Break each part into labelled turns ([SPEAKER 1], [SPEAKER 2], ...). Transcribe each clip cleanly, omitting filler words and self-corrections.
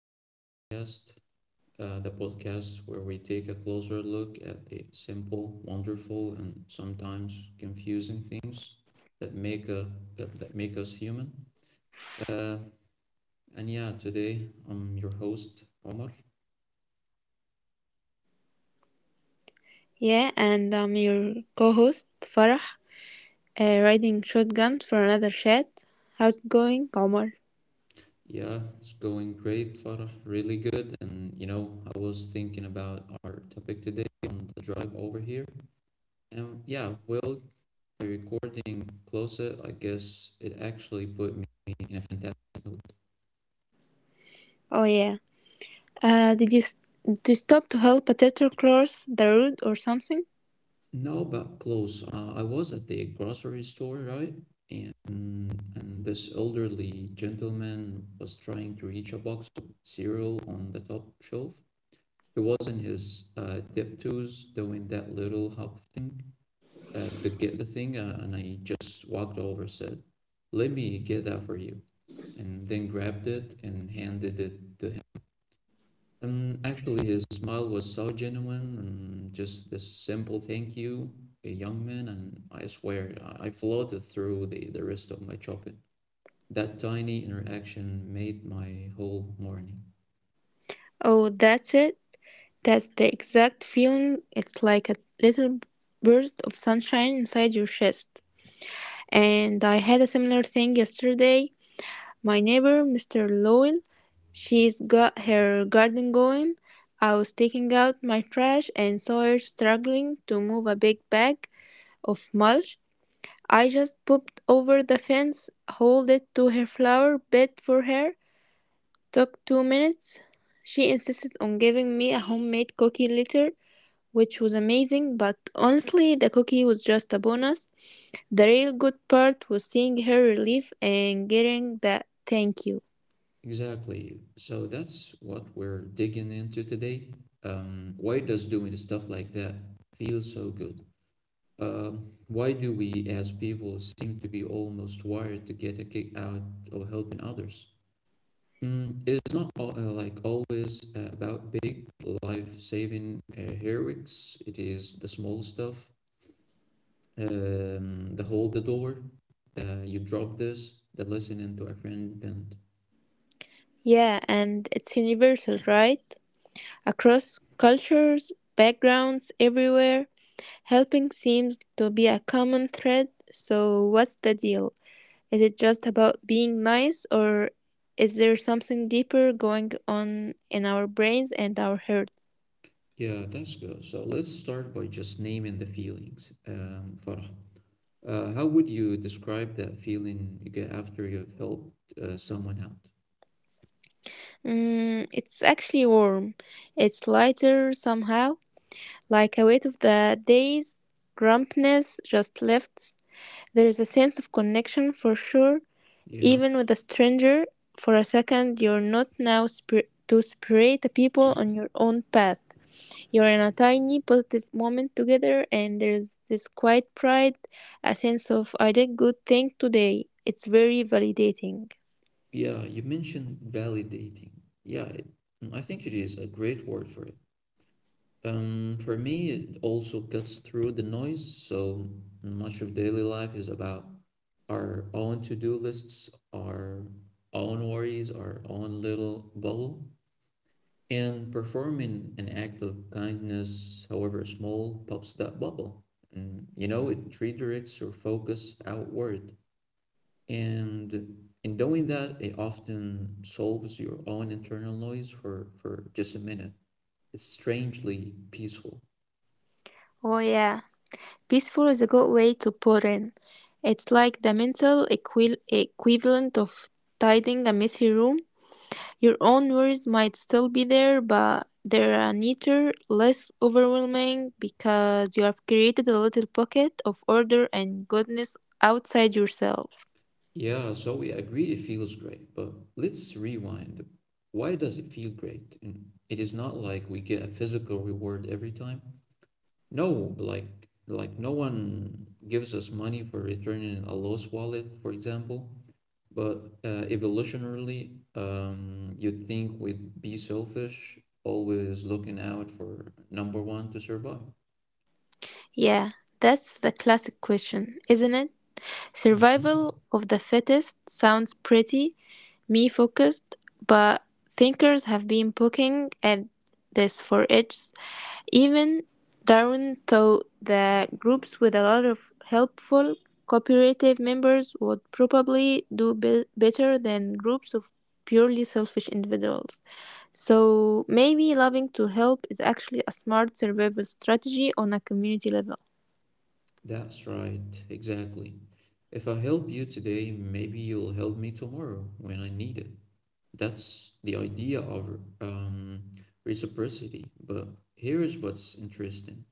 [SPEAKER 1] to our podcast, the podcast where we take a closer look at the simple, wonderful, and sometimes confusing things that make a that make us human. Uh, Today I'm your host, Omar.
[SPEAKER 2] Yeah, and I'm your co host, Farah, riding shotgun for another chat. How's it going, Omar?
[SPEAKER 1] Yeah, it's going great, Farah, really good. And you know, I was thinking about our topic today on the drive over here. And yeah, well, my recording closer, I guess it actually put me in a fantastic mood.
[SPEAKER 2] Oh, yeah. Uh, did you, s- did you stop to help a teacher cross the road or something?
[SPEAKER 1] Now about clothes, I was at the grocery store, right? And and this elderly gentleman was trying to reach a box of cereal on the top shelf. He was in his dip twos doing that little hop thing, to get the thing, and I just walked over, said, "Let me get that for you," and then grabbed it and handed it to him. And actually, his smile was so genuine and just this simple thank you, a young man, and I swear I floated through the rest of my shopping. That tiny interaction made my whole morning.
[SPEAKER 2] Oh, that's it. That's the exact feeling. It's like a little burst of sunshine inside your chest. And I had a similar thing yesterday. My neighbor, Mr. Lowell, she's got her garden going. I was taking out my trash and saw her struggling to move a big bag of mulch. I just popped over the fence, hauled it to her flower bed for her. Took 2 minutes. She insisted on giving me a homemade cookie later, which was amazing, but honestly, the cookie was just a bonus. The real good part was seeing her relief and getting that thank you.
[SPEAKER 1] Exactly. So that's what we're digging into today. Why does doing stuff like that feel so good? Uh, why do we as people seem to be almost wired to get a kick out of helping others? Mm, it's not always about big life-saving heroics. It is the small stuff, the hold the door, you drop this, the listening to a friend bent.
[SPEAKER 2] Yeah, and it's universal, right? Across cultures, backgrounds, everywhere, helping seems to be a common thread. So, what's the deal? Is it just about being nice, or is there something deeper going on in our brains and our hearts?
[SPEAKER 1] Yeah, that's good. So let's start by just naming the feelings. Farah, how would you describe that feeling you get after you've helped someone out?
[SPEAKER 2] Mm, it's actually warm. It's lighter somehow, like a weight of the day's grumpiness just lifts. There is a sense of connection for sure.
[SPEAKER 1] Yeah.
[SPEAKER 2] Even with a stranger for a second, you're not now spir- to separate the people on your own path. You're in a tiny positive moment together, and there's this quiet pride, a sense of I did good thing today. It's very validating.
[SPEAKER 1] Yeah, you mentioned validating. Yeah, it- I think it is a great word for it. For me, it also cuts through the noise. So much of daily life is about our own to-do lists, our own worries, our own little bubble. And performing an act of kindness, however small, pops that bubble. And you know, it redirects your focus outward. And in doing that, it often solves your own internal noise for, just a minute. It's strangely peaceful.
[SPEAKER 2] Oh, yeah. Peaceful is a good way to put in. It's like the mental equivalent of tidying a messy room. Your own worries might still be there, but they're a neater, less overwhelming because you have created a little pocket of order and goodness outside yourself.
[SPEAKER 1] Yeah, Zoe, I agree it feels great, but let's rewind. Why does it feel great? And it is not like we get a physical reward every time. No, like no one gives us money for returning a lost wallet, for example. But evolutionarily, you'd think we'd be selfish, always looking out for number one to survive.
[SPEAKER 2] Yeah, that's the classic question, isn't it? Survival
[SPEAKER 1] Mhm.
[SPEAKER 2] of the fittest sounds pretty me focused, but thinkers have been poking at this for ages. Even Darwin thought that groups with a lot of helpful, cooperative members would probably better than groups of purely selfish individuals. So maybe loving to help is actually a smart survival strategy on a community level.
[SPEAKER 1] That's right, exactly. If I help you today, maybe you'll help me tomorrow when I need it. That's the idea of reciprocity. But here is what's interesting.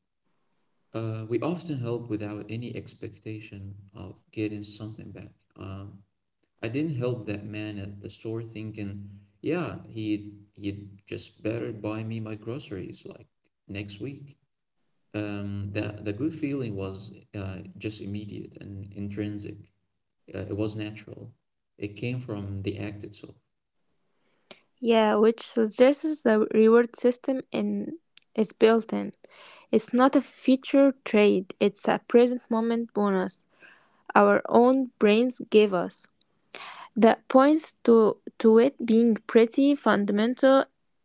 [SPEAKER 1] We often help without any expectation of getting something back. I didn't help that man at the store thinking, yeah, he'd just better buy me my groceries like next week. That The good feeling was just immediate and intrinsic. It was natural. It came from the act itself.
[SPEAKER 2] Yeah, which suggests the reward system in is built in. It's not a future trade, it's a present moment bonus our own brains give us. That points to it being pretty fundamental.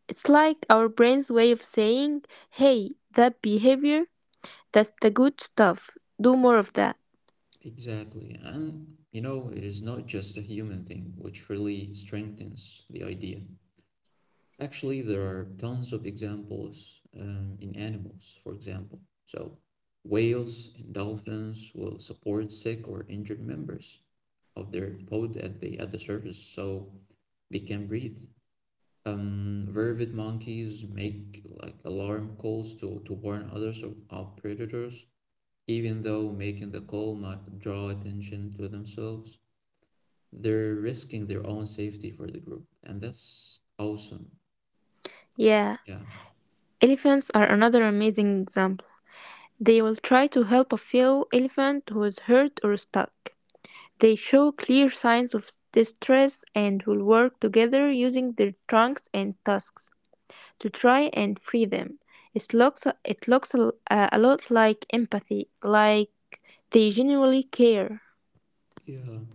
[SPEAKER 2] It's like our brain's way of saying, "Hey, that behavior, that's the good stuff. Do more of that."
[SPEAKER 1] Exactly. And you know, it is not just a human thing, which really strengthens the idea. Actually, there are tons of examples in animals, for example. So, whales and dolphins will support sick or injured members of their pod at the surface, so they can breathe. Vervet monkeys make like alarm calls to warn others of predators, even though making the call might draw attention to themselves. They're risking their own safety for the group, and that's awesome.
[SPEAKER 2] Yeah.
[SPEAKER 1] Yeah,
[SPEAKER 2] Elephants are another amazing example. They will try to help a fellow elephant who is hurt or stuck. They show clear signs of distress and will work together using their trunks and tusks to try and free them. It looks a lot like empathy, like they genuinely care.
[SPEAKER 1] yeah.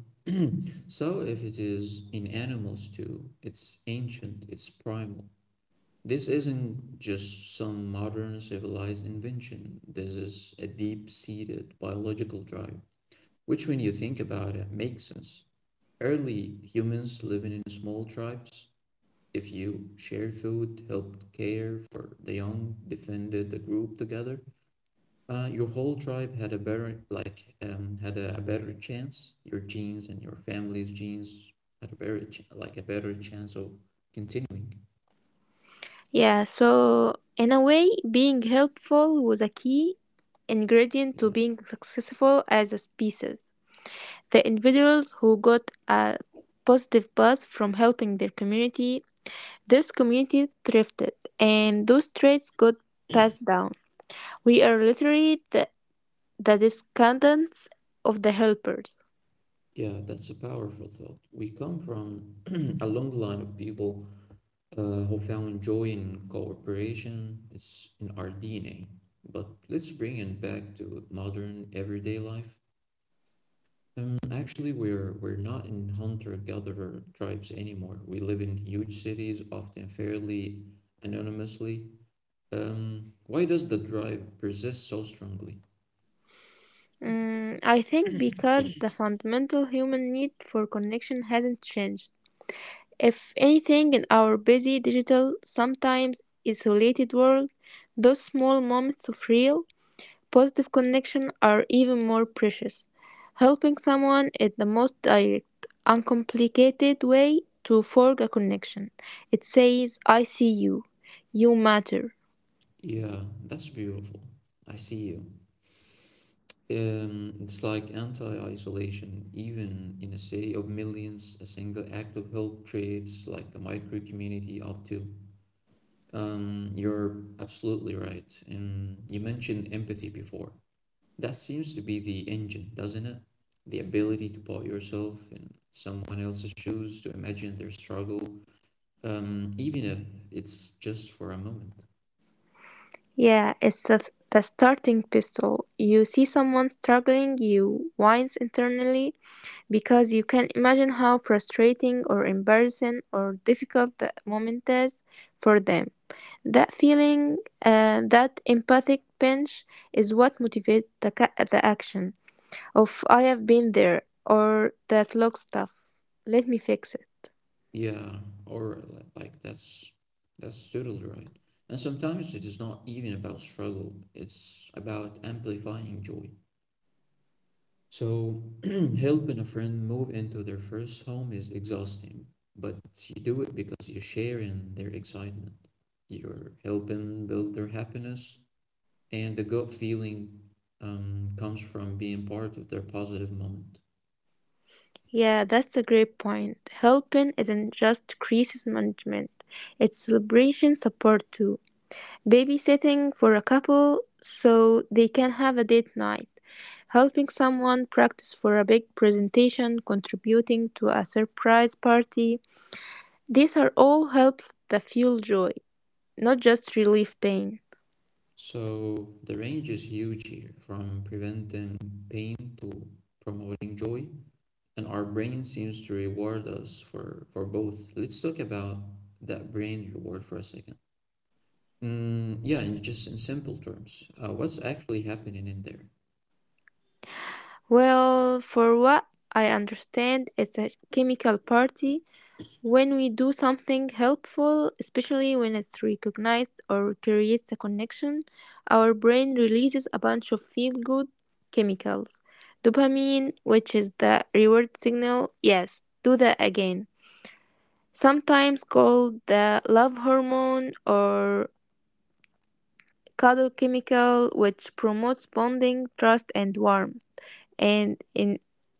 [SPEAKER 1] So if it is in animals too, it's ancient, it's primal. This isn't just some modern civilized invention. This is a deep-seated biological drive, which when you think about it makes sense. Early humans living in small tribes, if you shared food, helped care for the young, defended the group together, your whole tribe had a had a better chance. Your genes and your family's genes had a a better chance of continuing.
[SPEAKER 2] Yeah, so in a way, being helpful was a key ingredient to
[SPEAKER 1] Yeah,
[SPEAKER 2] being successful as a species. The individuals who got a positive buzz from helping their community, this community thrifted, and those traits got passed down. We are literally the descendants of the helpers.
[SPEAKER 1] yeah, that's a powerful thought. We come from a long line of people who found joy in cooperation. It's in our DNA. But let's bring it back to modern everyday life. We're not in hunter-gatherer tribes anymore. We live in huge cities, often fairly anonymously. Why does the drive persist so strongly?
[SPEAKER 2] Mm, I think because the fundamental human need for connection hasn't changed. If anything, in our busy, digital, sometimes isolated world, those small moments of real, positive connection are even more precious. Helping someone is the most direct, uncomplicated way to forge a connection. It says, I see you, you matter.
[SPEAKER 1] Yeah, that's beautiful. I see you. It's like anti-isolation. Even in a city of millions, a single act of help creates like a micro-community up to. You're absolutely right. And you mentioned empathy before. That seems to be the engine, doesn't it? The ability to put yourself in someone else's shoes, to imagine their struggle, even if it's just for a moment.
[SPEAKER 2] Yeah, it's the starting pistol. You see someone struggling, you wince internally, because you can imagine how frustrating or embarrassing or difficult the moment is for them. That feeling, that empathic pinch, is what motivates the, the action of I have been there or that looks tough. Let me fix it.
[SPEAKER 1] Yeah, or li- like that's totally right. And sometimes it is not even about struggle, it's about amplifying joy. So, helping a friend move into their first home is exhausting, but you do it because you share in their excitement. You're helping build their happiness, and the gut feeling comes from being part of their positive moment.
[SPEAKER 2] Yeah, that's a great point. Helping isn't just crisis management, it's celebration support too. Babysitting for a couple so they can have a date night, helping someone practice for a big presentation, contributing to a surprise party. These are all helps that fuel joy, not just relieve pain.
[SPEAKER 1] So, the range is huge here from preventing pain to promoting joy, and our brain seems to reward us for, both. Let's talk about that brain reward for a second. Mm, yeah, and just in simple terms, what's actually happening in there?
[SPEAKER 2] Well, for what I understand, it's a chemical party when we do something helpful, especially when it's recognized or creates a connection, our brain releases a bunch of feel good chemicals. Dopamine, which is the reward signal, yes, do that again. Sometimes called the love hormone or cuddle chemical, which promotes bonding, trust, and warmth. And in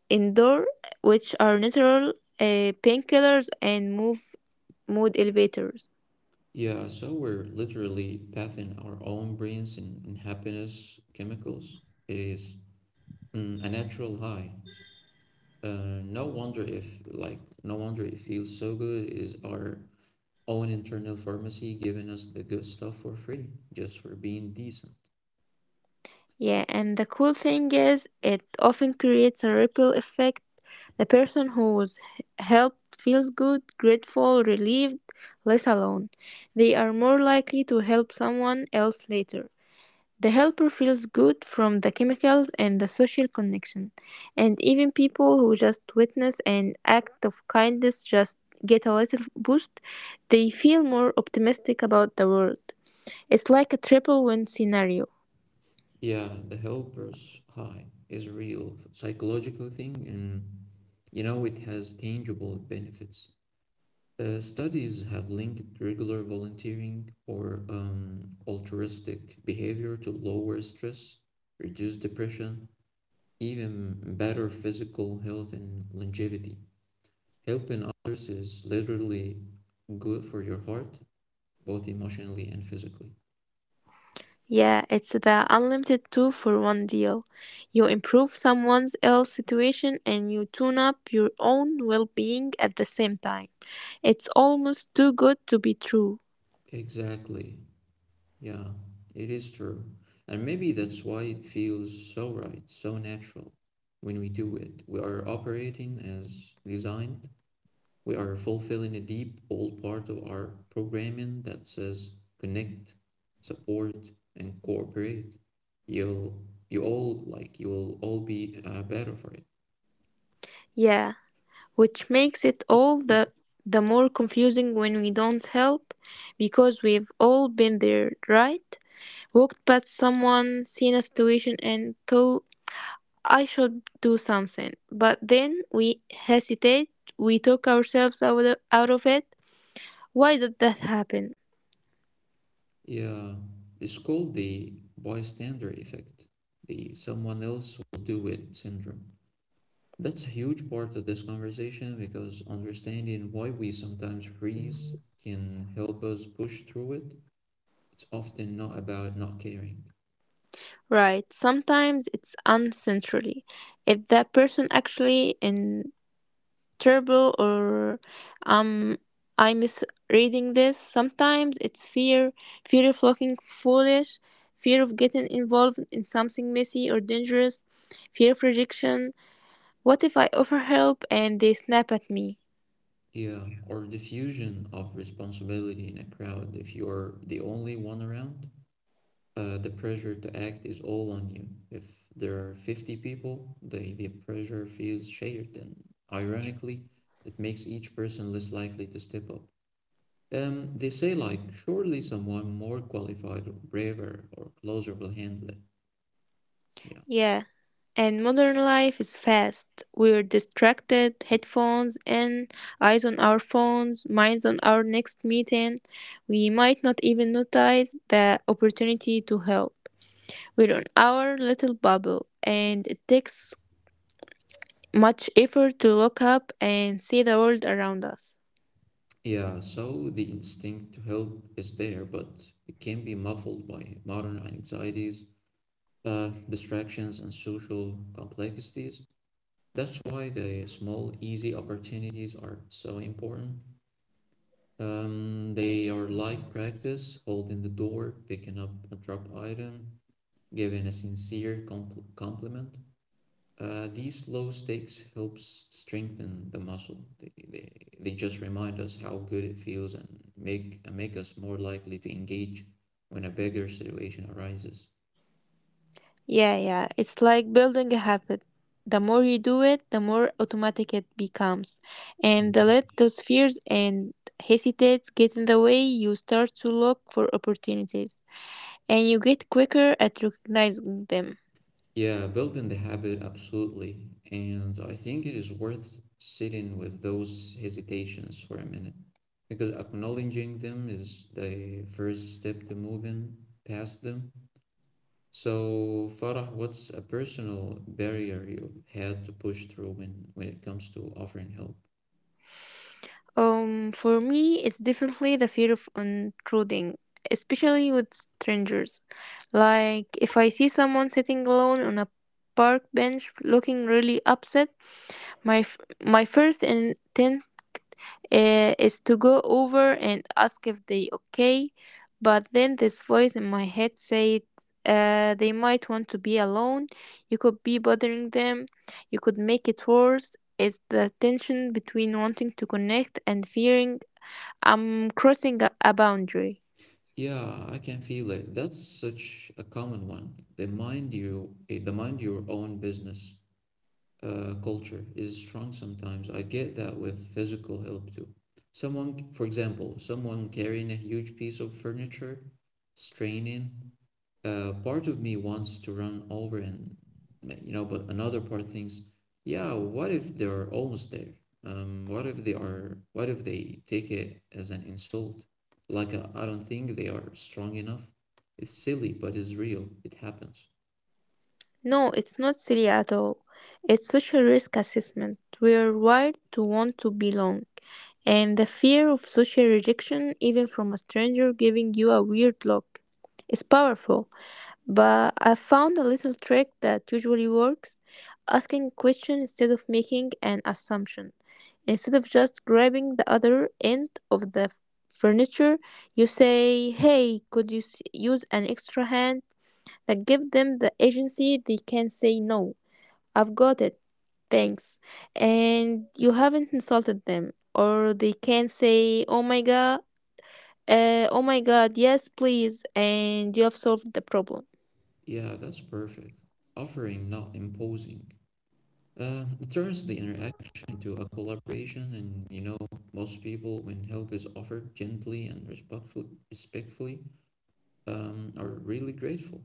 [SPEAKER 2] indoor, which are natural painkillers and move mood elevators.
[SPEAKER 1] Yeah, so we're literally bathing our own brains in, happiness chemicals. It is mm, a natural high. No wonder it feels so good. It is our own internal pharmacy giving us the good stuff for free, just for being decent.
[SPEAKER 2] Yeah, and the cool thing is, it often creates a ripple effect. The person who was helped feels good, grateful, relieved, less alone. They are more likely to help someone else later. The helper feels good from the chemicals and the social connection. And even people who just witness an act of kindness just get a little boost. They feel more optimistic about the world. It's like a triple win scenario.
[SPEAKER 1] Yeah, the helper's high is a real psychological thing, and you know, it has tangible benefits. Studies have linked regular volunteering or altruistic behavior to lower stress, reduce depression, even better physical health and longevity. Helping others is literally good for your heart, both emotionally and physically.
[SPEAKER 2] Yeah, it's the unlimited two for one deal. You improve someone else's situation and you tune up your own well being at the same time. It's almost too good to be true.
[SPEAKER 1] Exactly. Yeah, it is true. And maybe that's why it feels so right, so natural when we do it. We are operating as designed, we are fulfilling a deep old part of our programming that says connect, support, and cooperate. You'll you'll all be better for it.
[SPEAKER 2] Yeah, which makes it all the more confusing when we don't help because we've all been there, right? Walked past someone, seen a situation, and thought, I should do something. But then we hesitate, we talk ourselves out of it. Why did that happen?
[SPEAKER 1] Yeah, it's called the bystander effect, the someone else will do it syndrome. That's a huge part of this conversation because understanding why we sometimes freeze can help us push through it. It's often not about not caring.
[SPEAKER 2] Right. Sometimes it's uncentrally. If that person actually in trouble or um I misreading this, sometimes it's fear, fear of looking foolish, fear of getting involved in something messy or dangerous, fear of rejection. What if I offer help and they snap at me?
[SPEAKER 1] Yeah, or diffusion of responsibility in a crowd. If you're the only one around, the pressure to act is all on you. If there are 50 people, the pressure feels shared, and ironically, it makes each person less likely to step up. They say, like, surely someone more qualified or braver or closer will handle it. Yeah.
[SPEAKER 2] Yeah, and modern life is fast. We're distracted, headphones in, eyes on our phones, minds on our next meeting. We might not even notice the opportunity to help. We're on our little bubble, and it takes much effort to look up and see the world around us.
[SPEAKER 1] Yeah, so the instinct to help is there, but it can be muffled by modern anxieties, distractions, and social complexities. That's why the small, easy opportunities are so important. They are like practice, holding the door, picking up a dropped item, giving a sincere compliment. These low stakes helps strengthen the muscle. They just remind us how good it feels and make us more likely to engage when a bigger situation arises.
[SPEAKER 2] Yeah, yeah. It's like building a habit. The more you do it, the more automatic it becomes. And the let
[SPEAKER 1] Mm-hmm.
[SPEAKER 2] those fears and hesitates get in the way, you start to look for opportunities and you get quicker at recognizing them.
[SPEAKER 1] Yeah, building the habit, absolutely. And I think it is worth sitting with those hesitations for a minute because acknowledging them is the first step to moving past them. So, Farah, what's a personal barrier you've had to push through when it comes to offering help?
[SPEAKER 2] For me, it's definitely the fear of intruding, especially with strangers. Like, if I see someone sitting alone on a park bench looking really upset, my f- my first intent. Eh, is to go over and ask if they okay. But then this voice in my head said, they might want to be alone. You could be bothering them. You could make it worse. It's the tension between wanting to connect and fearing I'm crossing a boundary.
[SPEAKER 1] Yeah, I can feel it. That's such a common one. The mind your own business culture is strong sometimes. I get that with physical help too. Someone carrying a huge piece of furniture, straining. Part of me wants to run over and, you know, but another part thinks, yeah, what if they're almost there? What if they take it as an insult? Like, I don't think they are strong enough. It's silly, but it's real. It happens.
[SPEAKER 2] No, it's not silly at all. It's social risk assessment. We're wired to want to belong. And the fear of social rejection, even from a stranger giving you a weird look, is powerful. But I found a little trick that usually works asking a question instead of making an assumption. Instead of just grabbing the other end of the furniture, you say, Hey, could you use an extra hand? That give them the agency. They can say no, I've got it, thanks, and you haven't insulted them, or they can say oh my god, oh my god, yes please, and you have solved the problem.
[SPEAKER 1] Yeah, that's perfect. Offering, not imposing. It turns the interaction into a collaboration, and you know, most people, when help is offered gently and respectfully, are really grateful.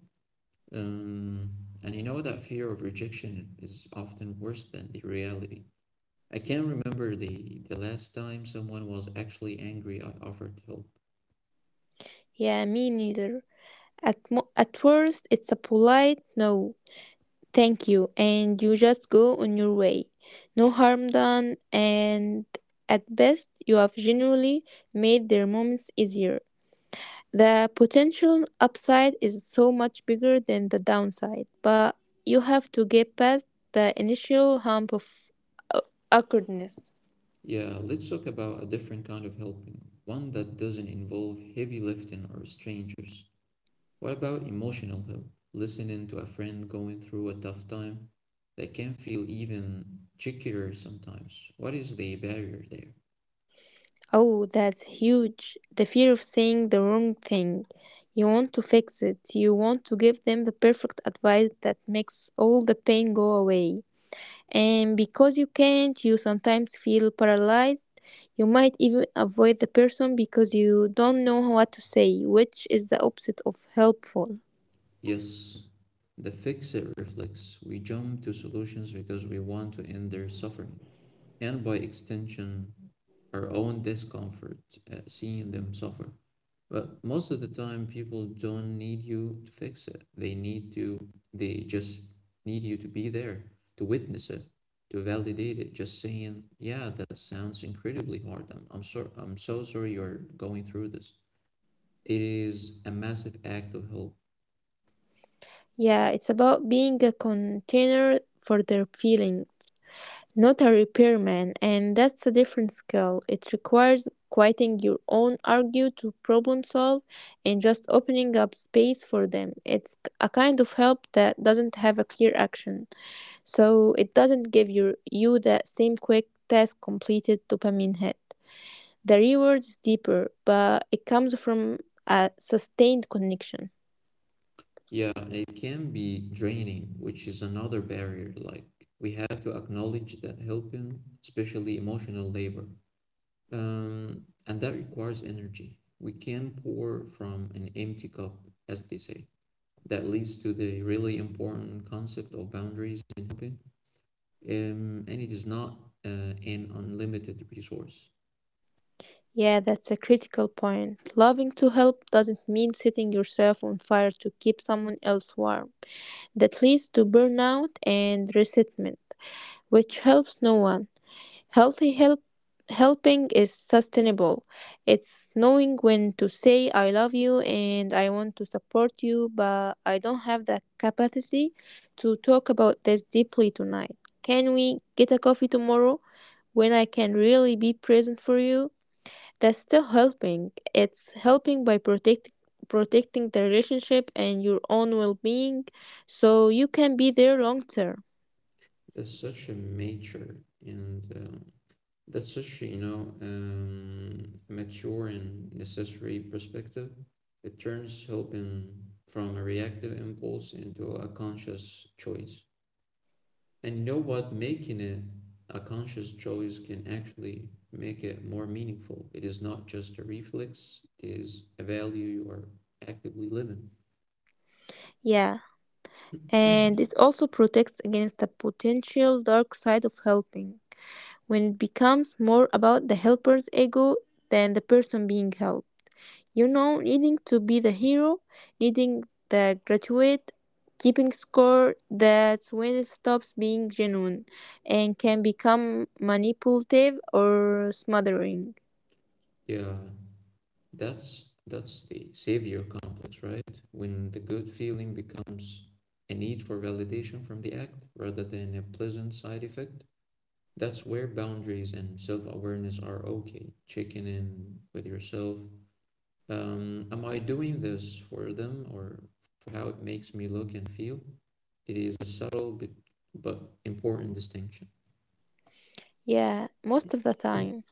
[SPEAKER 1] Um, and you know that fear of rejection is often worse than the reality. I can't remember the last time someone was actually angry I offered help.
[SPEAKER 2] Yeah, me neither. At worst it's a polite no thank you and you just go on your way, no harm done, and at best you have genuinely made their moments easier. The potential upside is so much bigger than the downside, but you have to get past the initial hump of uh, awkwardness.
[SPEAKER 1] Yeah, let's talk about a different kind of helping, one that doesn't involve heavy lifting or strangers. What about emotional help? Listening to a friend going through a tough time, that can feel even trickier sometimes. What is the barrier there?
[SPEAKER 2] Oh, that's huge. The fear of saying the wrong thing. You want to fix it. You want to give them the perfect advice that makes all the pain go away. And because you can't, you sometimes feel paralyzed. You might even avoid the person because you don't know what to say, which is the opposite of helpful.
[SPEAKER 1] Yes, the fix it reflex. We jump to solutions because we want to end their suffering, and by extension our own discomfort, seeing them suffer. But most of the time, people don't need you to fix it. They just need you to be there, to witness it, to validate it. Just saying, yeah, that sounds incredibly hard. I'm so sorry you're going through this. It is a massive act of help.
[SPEAKER 2] Yeah, it's about being a container for their feeling, not a repairman, and that's a different skill. It requires quieting your own argue to problem solve and just opening up space for them. It's a kind of help that doesn't have a clear action, so it doesn't give your, you that same quick task completed dopamine hit. The reward is deeper, but it comes from a sustained connection.
[SPEAKER 1] Yeah, it can be draining, which is another barrier. Like, we have to acknowledge that helping, especially emotional labor, and that requires energy. We can pour from an empty cup, as they say. That leads to the really important concept of boundaries in helping, and it is not an unlimited resource.
[SPEAKER 2] Yeah, that's a critical point. Loving to help doesn't mean setting yourself on fire to keep someone else warm. That leads to burnout and resentment, which helps no one. Healthy help Helping is sustainable. It's knowing when to say I love you and I want to support you, but I don't have the capacity to talk about this deeply tonight. Can we get a coffee tomorrow when I can really be present for you? That's still helping. It's helping by protecting the relationship and your own well being so you can be there long term.
[SPEAKER 1] It's such a major and uh, That's such, a, you know, mature and necessary perspective. It turns helping from a reactive impulse into a conscious choice. And you know what? Making it a conscious choice can actually make it more meaningful. It is not just a reflex, it is a value you are actively living.
[SPEAKER 2] Yeah, and it also protects against the potential dark side of helping when it becomes more about the helper's ego than the person being helped. Needing to be the hero, needing the graduate, keeping score, that's when it stops being genuine and can become manipulative or smothering.
[SPEAKER 1] Yeah, that's the savior complex, right? When the good feeling becomes a need for validation from the act rather than a pleasant side effect. That's where boundaries and self-awareness are okay. Checking in with yourself. Am I doing this for them or for how it makes me look and feel? It is a subtle but important distinction.
[SPEAKER 2] Yeah, most of the time.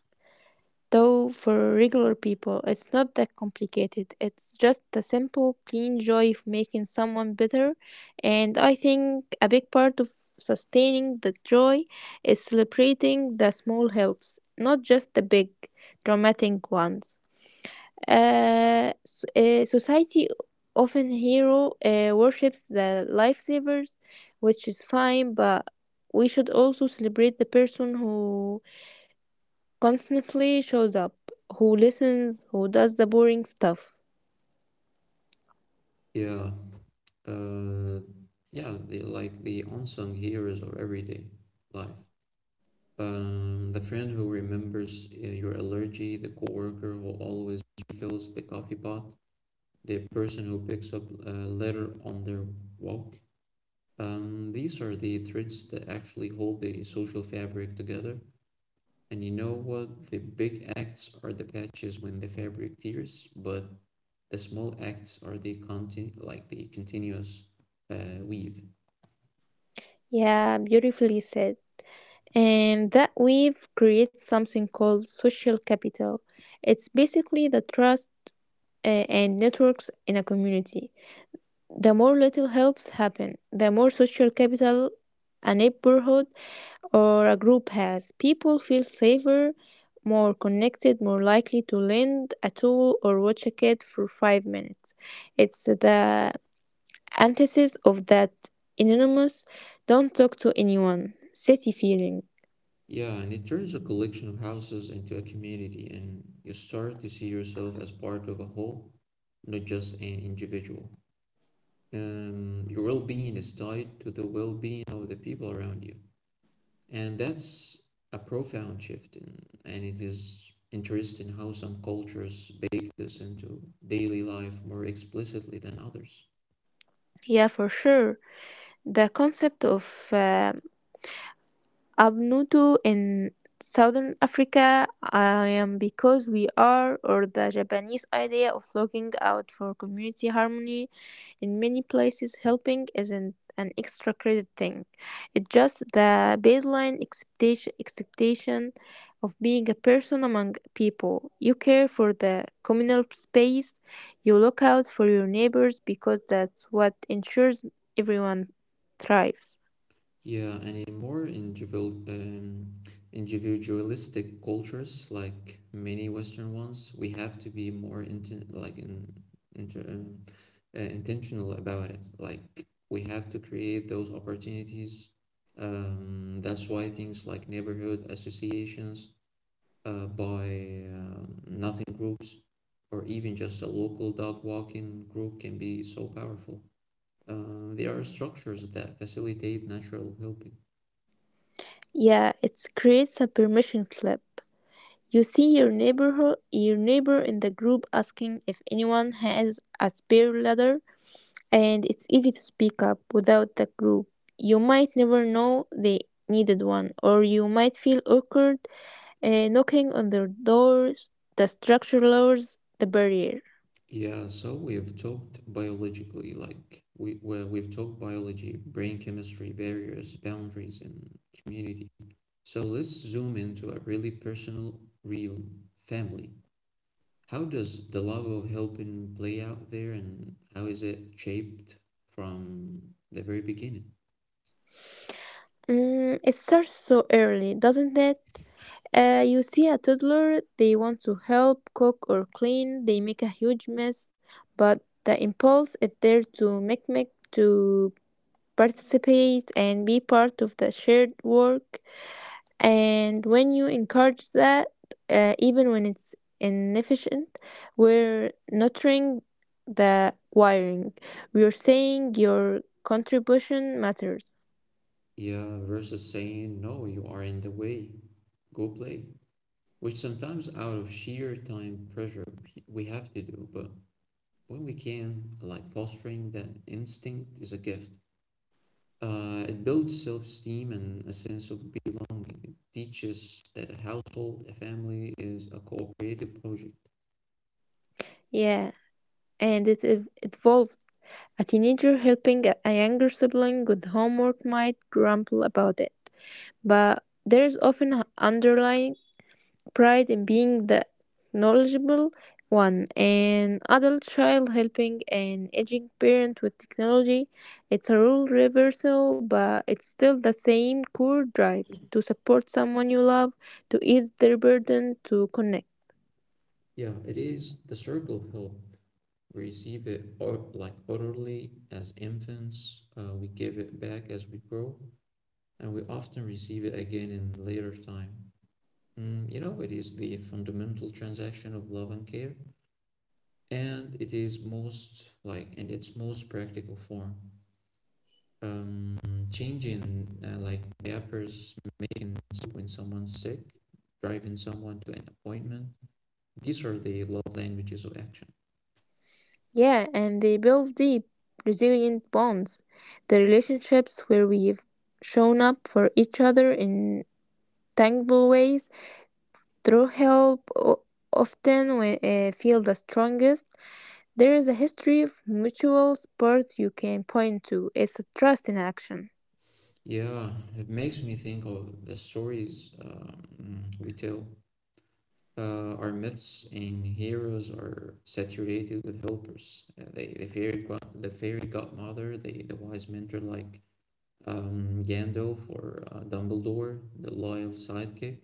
[SPEAKER 2] Though for regular people, it's not that complicated. It's just the simple, clean joy of making someone better. And I think a big part of sustaining the joy is celebrating the small helps, not just the big, dramatic ones. Society often hero worships the lifesavers, which is fine, but we should also celebrate the person who constantly shows up, who listens, who does the boring stuff.
[SPEAKER 1] Yeah. Uh, yeah, the, like the unsung heroes of everyday life. The friend who remembers your allergy, the coworker who always refills the coffee pot, the person who picks up a litter on their walk. These are the threads that actually hold the social fabric together. And you know what? The big acts are the patches when the fabric tears, but the small acts are the like the continuous weave.
[SPEAKER 2] Yeah, beautifully said. And that weave creates something called social capital. It's basically the trust and networks in a community. The more little helps happen, the more social capital a neighborhood or a group has. People feel safer, more connected, more likely to lend a tool or watch a kid for 5 minutes. It's the antithesis of that anonymous don't talk to anyone city feeling.
[SPEAKER 1] Yeah, and it turns a collection of houses into a community, and you start to see yourself as part of a whole, not just an individual. Your well being is tied to the well being of the people around you. And that's a profound shift, in, and it is interesting how some cultures bake this into daily life more explicitly than others.
[SPEAKER 2] Yeah, for sure. The concept of uh, abnutu in southern Africa, I am because we are, or the Japanese idea of looking out for community harmony. In many places helping isn't an extra credit thing. It's just the baseline expectation of being a person among people. You care for the communal space, you look out for your neighbors because that's what ensures everyone thrives.
[SPEAKER 1] Yeah, and in more individualistic cultures, like many Western ones, we have to be more inter um, intentional about it. Like we have to create those opportunities. That's why things like neighborhood associations, by nothing groups, or even just a local dog walking group can be so powerful. They are structures that facilitate natural help.
[SPEAKER 2] Yeah, it creates a permission slip. You see your neighbor in the group asking if anyone has a spare ladder and it's easy to speak up. Without the group, you might never know they needed one, or you might feel awkward knocking on their doors. The structure lowers the barrier.
[SPEAKER 1] Yeah, so we've talked biologically, like we well, we've talked biology, brain chemistry, barriers, boundaries, and community. So let's zoom into a really personal realm, family. How does the love of helping play out there, and how is it shaped from the very beginning?
[SPEAKER 2] Mm, it starts so early, doesn't it? You see a toddler, they want to help cook or clean, they make a huge mess, but the impulse is there to make, make to participate and be part of the shared work. And when you encourage that, even when it's inefficient, we're nurturing the wiring. We're saying your contribution matters.
[SPEAKER 1] Yeah, versus saying, no, you are in the way, go play, which sometimes out of sheer time pressure we have to do, but when we can, like fostering that instinct is a gift. It builds self esteem and a sense of belonging. It teaches that a household, a family is a cooperative project.
[SPEAKER 2] Yeah, and evolves. A teenager helping a younger sibling with homework might grumble about it, but there's often an underlying pride in being the knowledgeable one. An adult child helping an aging parent with technology. It's a role reversal, but it's still the same core drive to support someone you love, to ease their burden, to connect.
[SPEAKER 1] Yeah, it is the circle of help. We receive it or like orderly as infants, we give it back as we grow, and we often receive it again in later time. Mm, you know, it is the fundamental transaction of love and care. And it is most like in its most practical form. Um, Changing like diapers, making soup when someone's sick, driving someone to an appointment. These are the love languages of action.
[SPEAKER 2] Yeah, and they build deep, resilient bonds. The relationships where we've shown up for each other in tangible ways through often we, feel the strongest. There is a history of mutual support you can point to. It's a trust in action.
[SPEAKER 1] Yeah, it makes me think of the stories we tell. Our myths and heroes are saturated with helpers. The fairy godmother, the wise mentor like Gandalf or Dumbledore, the loyal sidekick.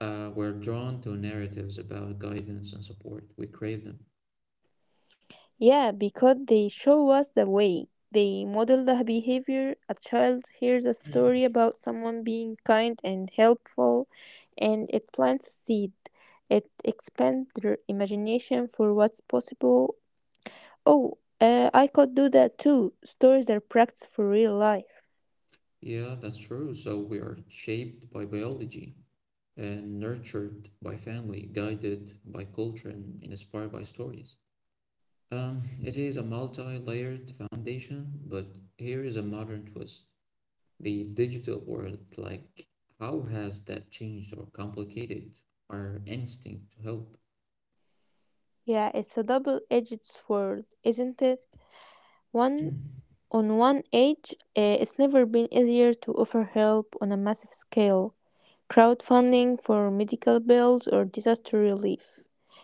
[SPEAKER 1] We're drawn to narratives about guidance and support. We crave them.
[SPEAKER 2] Yeah, because they show us the way. They model the behavior. A child hears a story about someone being kind and helpful, and it plants a seed. It expands their imagination for what's possible. Oh, I could do that too. Stories are practice for real life.
[SPEAKER 1] Yeah, that's true. So we are shaped by biology and nurtured by family, guided by culture, and inspired by stories. It is a multi layered foundation, but here is a modern twist. The digital world, like, how has that changed or complicated our instinct to help?
[SPEAKER 2] Yeah, it's a double edged sword, isn't it? One On one edge, eh, it's never been easier to offer help on a massive scale. Crowdfunding for medical bills or disaster relief.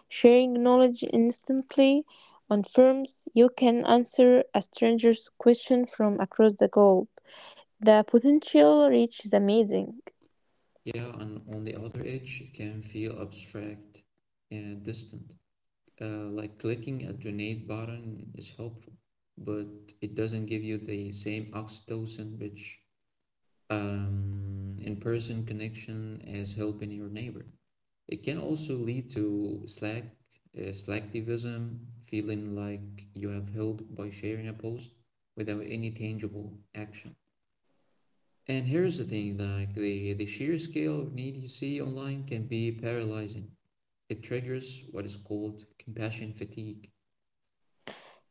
[SPEAKER 2] Sharing knowledge instantly on firms, you can answer a stranger's question from across the globe. The potential reach is amazing.
[SPEAKER 1] Yeah, and on the other edge, it can feel abstract and distant. Like clicking a donate button is helpful, but it doesn't give you the same oxytocin rich in person connection as helping your neighbor. It can also lead to slacktivism, feeling like you have helped by sharing a post without any tangible action. And here's the thing, like the sheer scale of need you see online can be paralyzing. It triggers what is called compassion fatigue.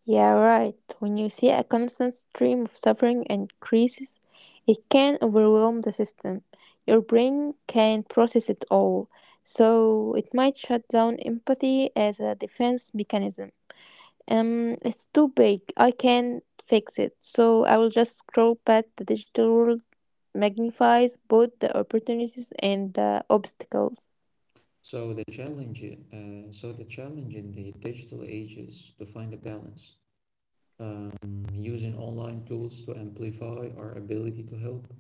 [SPEAKER 2] Yeah, right. When you see a constant stream of suffering and crises, it can overwhelm the system. Your brain can't process it all, so it might shut down empathy as a defense mechanism. It's too big. I can't fix it, so I will just scroll past. The digital world magnifies both the opportunities and the obstacles.
[SPEAKER 1] So the challenge, so the challenge in the digital age is to find a balance, um, using online tools to amplify our ability to help,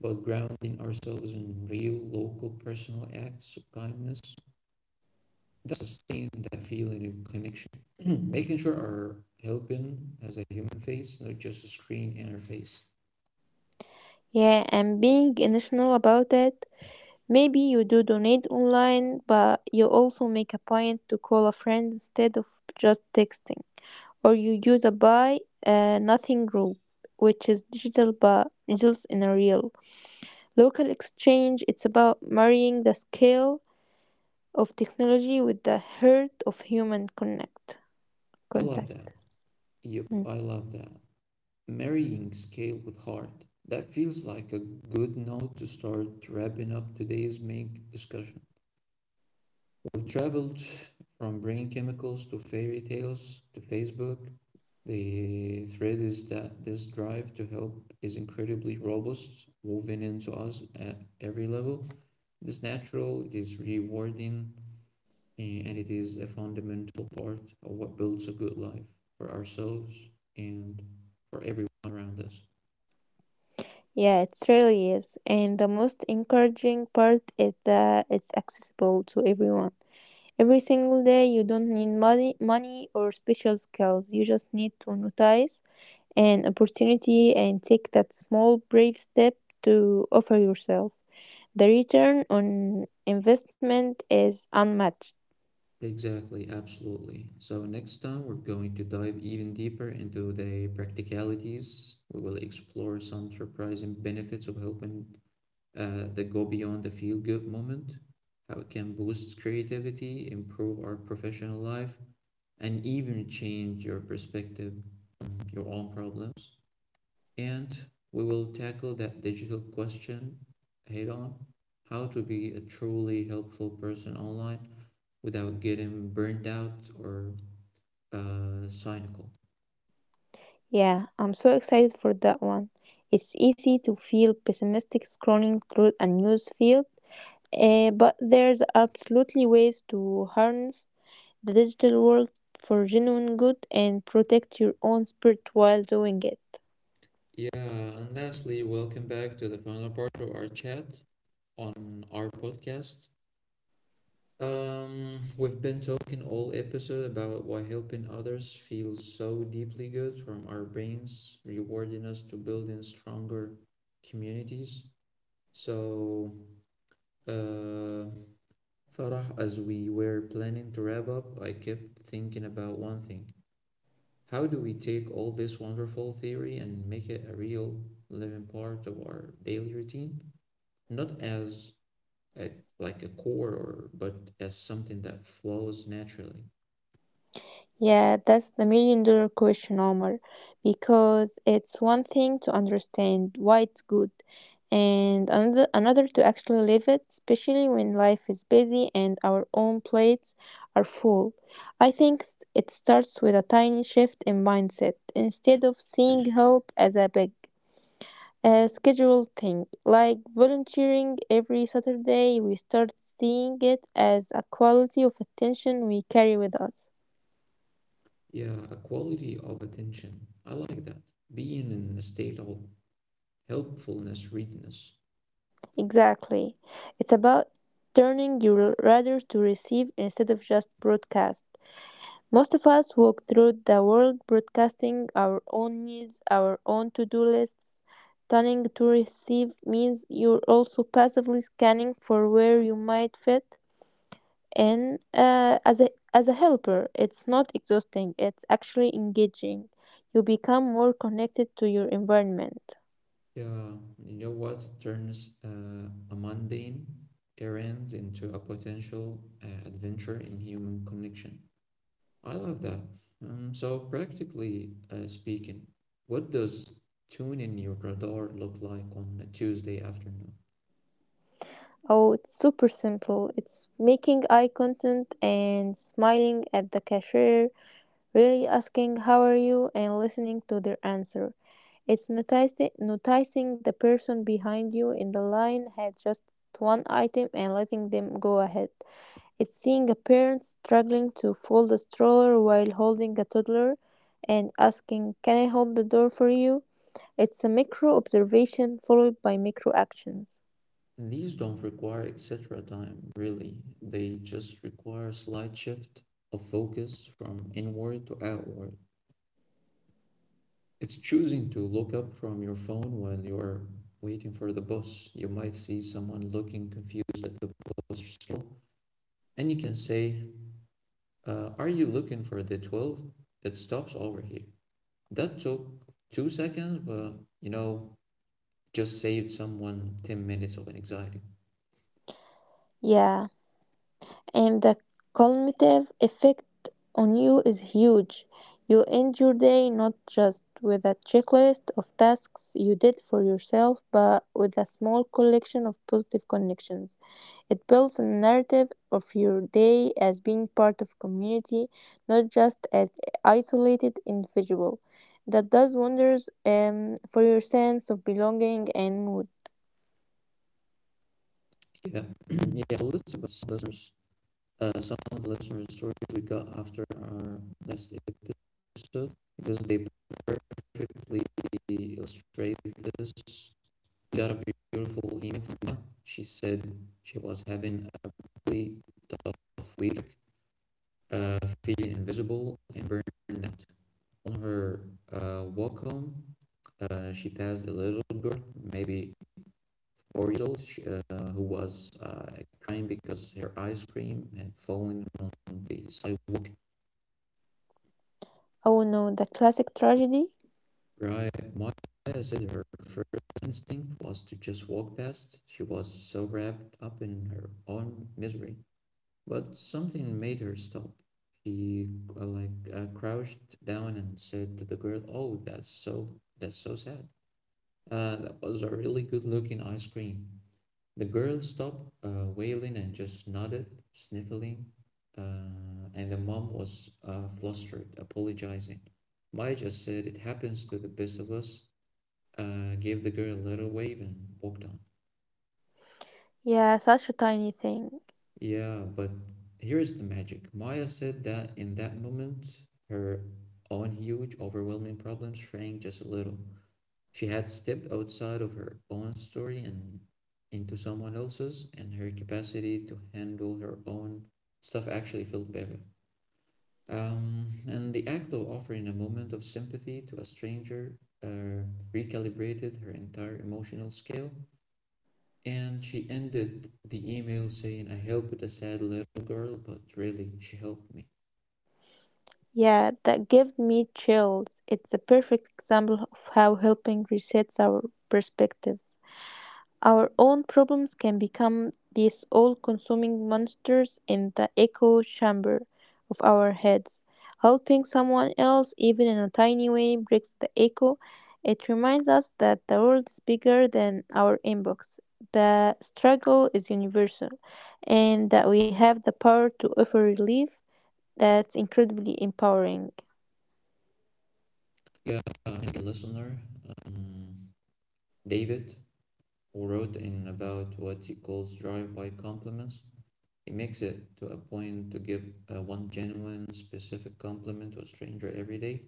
[SPEAKER 1] but grounding ourselves in real, local, personal acts of kindness that sustain that feeling of connection. Making sure our helping has a human face, not just a screen interface.
[SPEAKER 2] Yeah, and being intentional about it. Maybe you do donate online, but you also make a point to call a friend instead of just texting. Or you use a buy nothing group, which is digital but results in a real, local exchange. It's about marrying the scale of technology with the heart of human connect
[SPEAKER 1] I love that.
[SPEAKER 2] contact.
[SPEAKER 1] Yep,
[SPEAKER 2] Mm.
[SPEAKER 1] I love that. Marrying scale with heart. That feels like a good note to start wrapping up today's main discussion. We've traveled from brain chemicals to fairy tales to Facebook. The thread is that this drive to help is incredibly robust, woven into us at every level. It is natural, it is rewarding, eh, and it is a fundamental part of what builds a good life for ourselves and for everyone around us.
[SPEAKER 2] Yeah, it really is. And the most encouraging part is that it's accessible to everyone. Every single day, you don't need money or special skills. You just need to notice an opportunity and take that small, brave step to offer yourself. The return on investment is unmatched.
[SPEAKER 1] Exactly, absolutely. So, next time we're going to dive even deeper into the practicalities. We will explore some surprising benefits of helping that go beyond the feel good moment, how it can boost creativity, improve our professional life, and even change your perspective, your own problems. And we will tackle that digital question head on, how to be a truly helpful person online without getting burned out or cynical.
[SPEAKER 2] Yeah, I'm so excited for that one. It's easy to feel pessimistic scrolling through a news feed, eh, but there's absolutely ways to harness the digital world for genuine good and protect your own spirit while doing it.
[SPEAKER 1] Yeah, and lastly, welcome back to the final part of our chat on our podcast. We've been talking all episode about why helping others feels so deeply good from our brains, rewarding us to building stronger communities. So Uh, Farah, as we were planning to wrap up, I kept thinking about one thing. How do we take all this wonderful theory and make it a real living part of our daily routine? Not as a, like a core, or, but as something that flows naturally.
[SPEAKER 2] Yeah, that's the million-dollar question, Omar, because it's one thing to understand why it's good and another to actually live it, especially when life is busy and our own plates are full. I think it starts with a tiny shift in mindset. Instead of seeing help as a big, a scheduled thing, like volunteering every Saturday, we start seeing it as a quality of attention we carry with us.
[SPEAKER 1] Yeah, a quality of attention. I like that. Being in a state of helpfulness, readiness.
[SPEAKER 2] Exactly. It's about turning your radar to receive instead of just broadcast. Most of us walk through the world broadcasting our own needs, our own to do lists. Turning to receive means you're also passively scanning for where you might fit in as a helper. It's not exhausting, it's actually engaging. You become more connected to your environment.
[SPEAKER 1] Yeah, you know what turns a mundane errand into a potential adventure in human connection. I love that. So, practically speaking, what does tuning your radar look like on a Tuesday afternoon?
[SPEAKER 2] Oh, it's super simple. It's making eye contact and smiling at the cashier, really asking how are you and listening to their answer. It's noticing the person behind you in the line had just one item and letting them go ahead. It's seeing a parent struggling to fold a stroller while holding a toddler and asking, can I hold the door for you? It's a micro observation followed by micro actions.
[SPEAKER 1] These don't require etc. time, really. They just require a slight shift of focus from inward to outward. It's choosing to look up from your phone when you're waiting for the bus. You might see someone looking confused at the bus stop, and you can say, are you looking for the 12? It stops over here. That took 2 seconds, but you know, just saved someone 10 minutes of an anxiety.
[SPEAKER 2] Yeah. And the cumulative effect on you is huge. You end your day not just with a checklist of tasks you did for yourself, but with a small collection of positive connections. It builds a narrative of your day as being part of community, not just as isolated individual. That does wonders for your sense of belonging and mood.
[SPEAKER 1] Yeah, yeah, so listen, Listeners, some of the listener stories we got after our last episode, because they perfectly illustrate this. We got a beautiful email from Mia. She said she was having a really tough week, uh, feeling invisible and burned out. On her walk home, she passed a little girl, maybe 4 years old, who was crying because her ice cream had fallen on the sidewalk.
[SPEAKER 2] Oh no, the classic tragedy?
[SPEAKER 1] Maria said her first instinct was to just walk past. She was so wrapped up in her own misery. But something made her stop. She crouched down and said to the girl, "Oh, that's so sad. That was a really good-looking ice cream." The girl stopped wailing and just nodded, sniffling. And the mom was flustered, apologizing. Maya just said, "It happens to the best of us," gave the girl a little wave and walked on.
[SPEAKER 2] Yeah, such a tiny thing.
[SPEAKER 1] Yeah, but here's the magic. Maya said that in that moment, her own huge, overwhelming problem shrank just a little. She had stepped outside of her own story and into someone else's, and her capacity to handle her own stuff actually felt better. And the act of offering a moment of sympathy to a stranger uh, recalibrated her entire emotional scale. And she ended the email saying, I helped a sad little girl, but really, she helped me.
[SPEAKER 2] Yeah, that gives me chills. It's a perfect example of how helping resets our perspectives. Our own problems can become these all consuming monsters in the echo chamber of our heads. Helping someone else, even in a tiny way, breaks the echo. It reminds us that the world is bigger than our inbox. The struggle is universal, and that we have the power to offer relief. That's incredibly empowering.
[SPEAKER 1] Yeah, and a listener, um, David, who wrote in about what he calls drive by compliments. He makes it to a point to give one genuine, specific compliment to a stranger every day.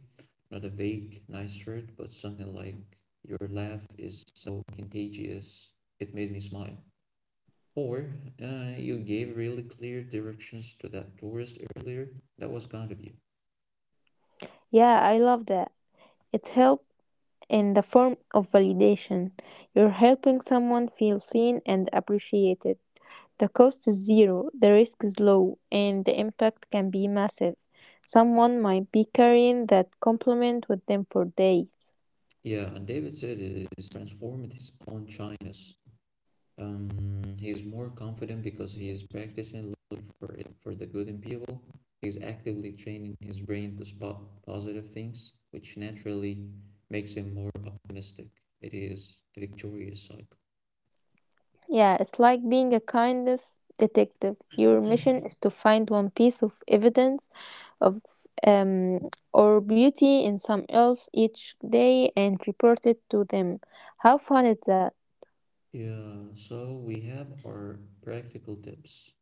[SPEAKER 1] Not a vague, nice shirt, but something like, your laugh is so contagious, it made me smile. Or you gave really clear directions to that tourist earlier. That was kind of you.
[SPEAKER 2] Yeah, I love that. It's help in the form of validation. You're helping someone feel seen and appreciated. The cost is zero, the risk is low, and the impact can be massive. Someone might be carrying that compliment with them for days.
[SPEAKER 1] Yeah, and David said he's transformed his own shyness. Um, he's more confident because he is practicing looking for it for the good in people. He's actively training his brain to spot positive things, which naturally makes him more optimistic. It is a victorious cycle.
[SPEAKER 2] Yeah, it's like being a kindness detective. Your mission is to find one piece of evidence of um, or beauty in some else each day and report it to them. How fun is that?
[SPEAKER 1] Yeah, so we have our practical tips.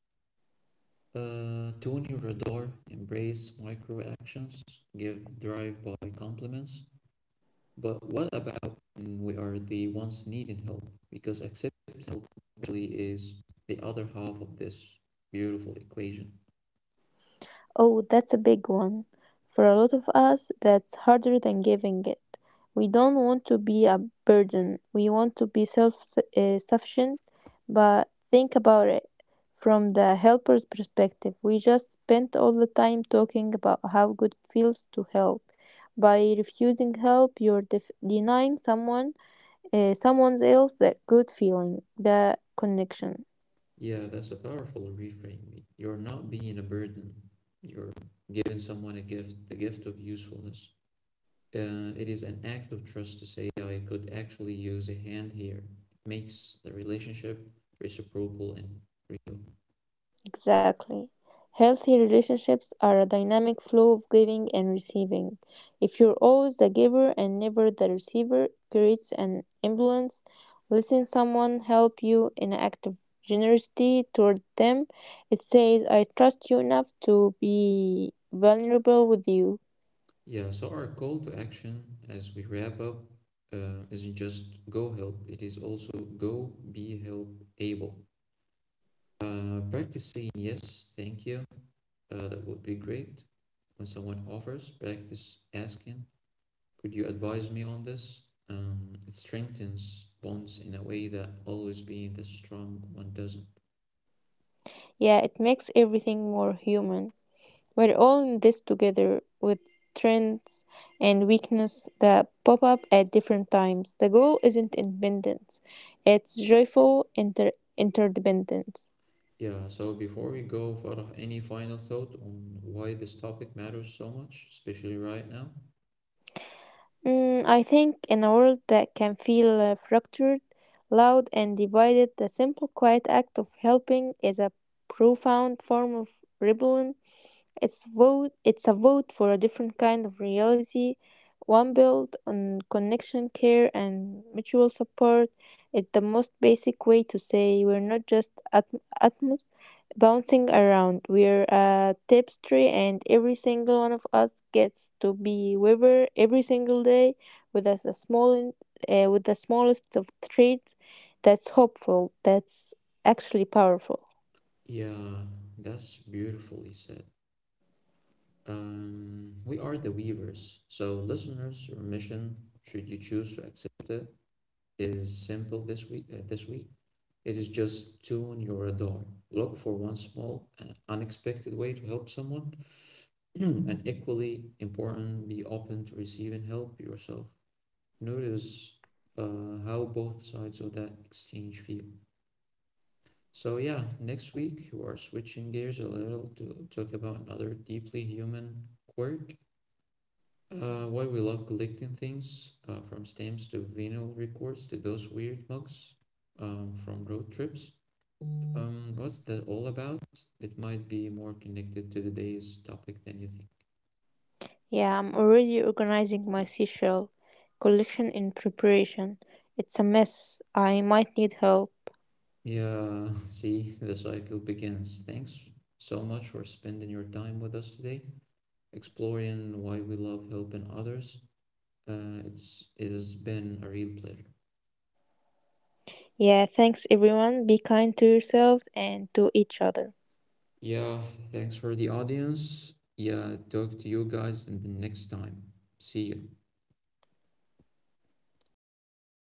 [SPEAKER 1] Tune your radar, embrace micro actions, give drive by compliments. But what about when we are the ones needing help? Because accepting help actually is the other half of this beautiful equation.
[SPEAKER 2] Oh, that's a big one. For a lot of us, that's harder than giving it. We don't want to be a burden. We want to be self sufficient. But think about it from the helper's perspective. We just spent all the time talking about how good it feels to help. By refusing help, you're denying someone, someone else, that good feeling, the connection.
[SPEAKER 1] Yeah, that's a powerful reframe. You're not being a burden, you're giving someone a gift, the gift of usefulness. It is an act of trust to say oh, I could actually use a hand here. It makes the relationship reciprocal and real.
[SPEAKER 2] Exactly. Healthy relationships are a dynamic flow of giving and receiving. If you're always the giver and never the receiver, it creates an imbalance. Letting someone help you in an act of generosity toward them, it says, I trust you enough to be vulnerable with you.
[SPEAKER 1] Yeah, so our call to action as we wrap up isn't just go help, it is also go be help able. Practice saying yes, thank you. That would be great. When someone offers, practice asking, could you advise me on this? It strengthens bonds in a way that always being the strong one doesn't.
[SPEAKER 2] Yeah, it makes everything more human. We're all in this together with strengths and weakness that pop up at different times. The goal isn't independence, it's joyful interdependence.
[SPEAKER 1] Yeah, so before we go, Farah, any final thought on why this topic matters so much, especially right now?
[SPEAKER 2] Mm, I think in a world that can feel fractured, loud, and divided, the simple quiet act of helping is a profound form of rebellion. It's a vote for a different kind of reality, one built on connection, care and mutual support. It's the most basic way to say we're not just at atoms bouncing around. We're a tapestry and every single one of us gets to be weaver every single day with us a small with the smallest of traits. That's hopeful, that's actually powerful.
[SPEAKER 1] Yeah, that's beautifully said. We are the weavers. So, listeners, your mission, should you choose to accept it, is simple this week, it is just tune your radar. Look for one small and unexpected way to help someone, and equally important, be open to receiving help yourself. Notice how both sides of that exchange feel. So yeah, next week we're switching gears a little to talk about another deeply human quirk. Why we love collecting things, from stamps to vinyl records to those weird mugs from road trips. What's that all about? It might be more connected to today's topic than you think.
[SPEAKER 2] Yeah, I'm already organizing my seashell collection in preparation. It's a mess. I might need help.
[SPEAKER 1] Yeah, see, the cycle begins. Thanks so much for spending your time with us today, exploring why we love helping others. It has been a real pleasure.
[SPEAKER 2] Yeah, thanks everyone. Be kind to yourselves and to each other.
[SPEAKER 1] Yeah, thanks for the audience. Yeah, talk to you guys in the next time. See you.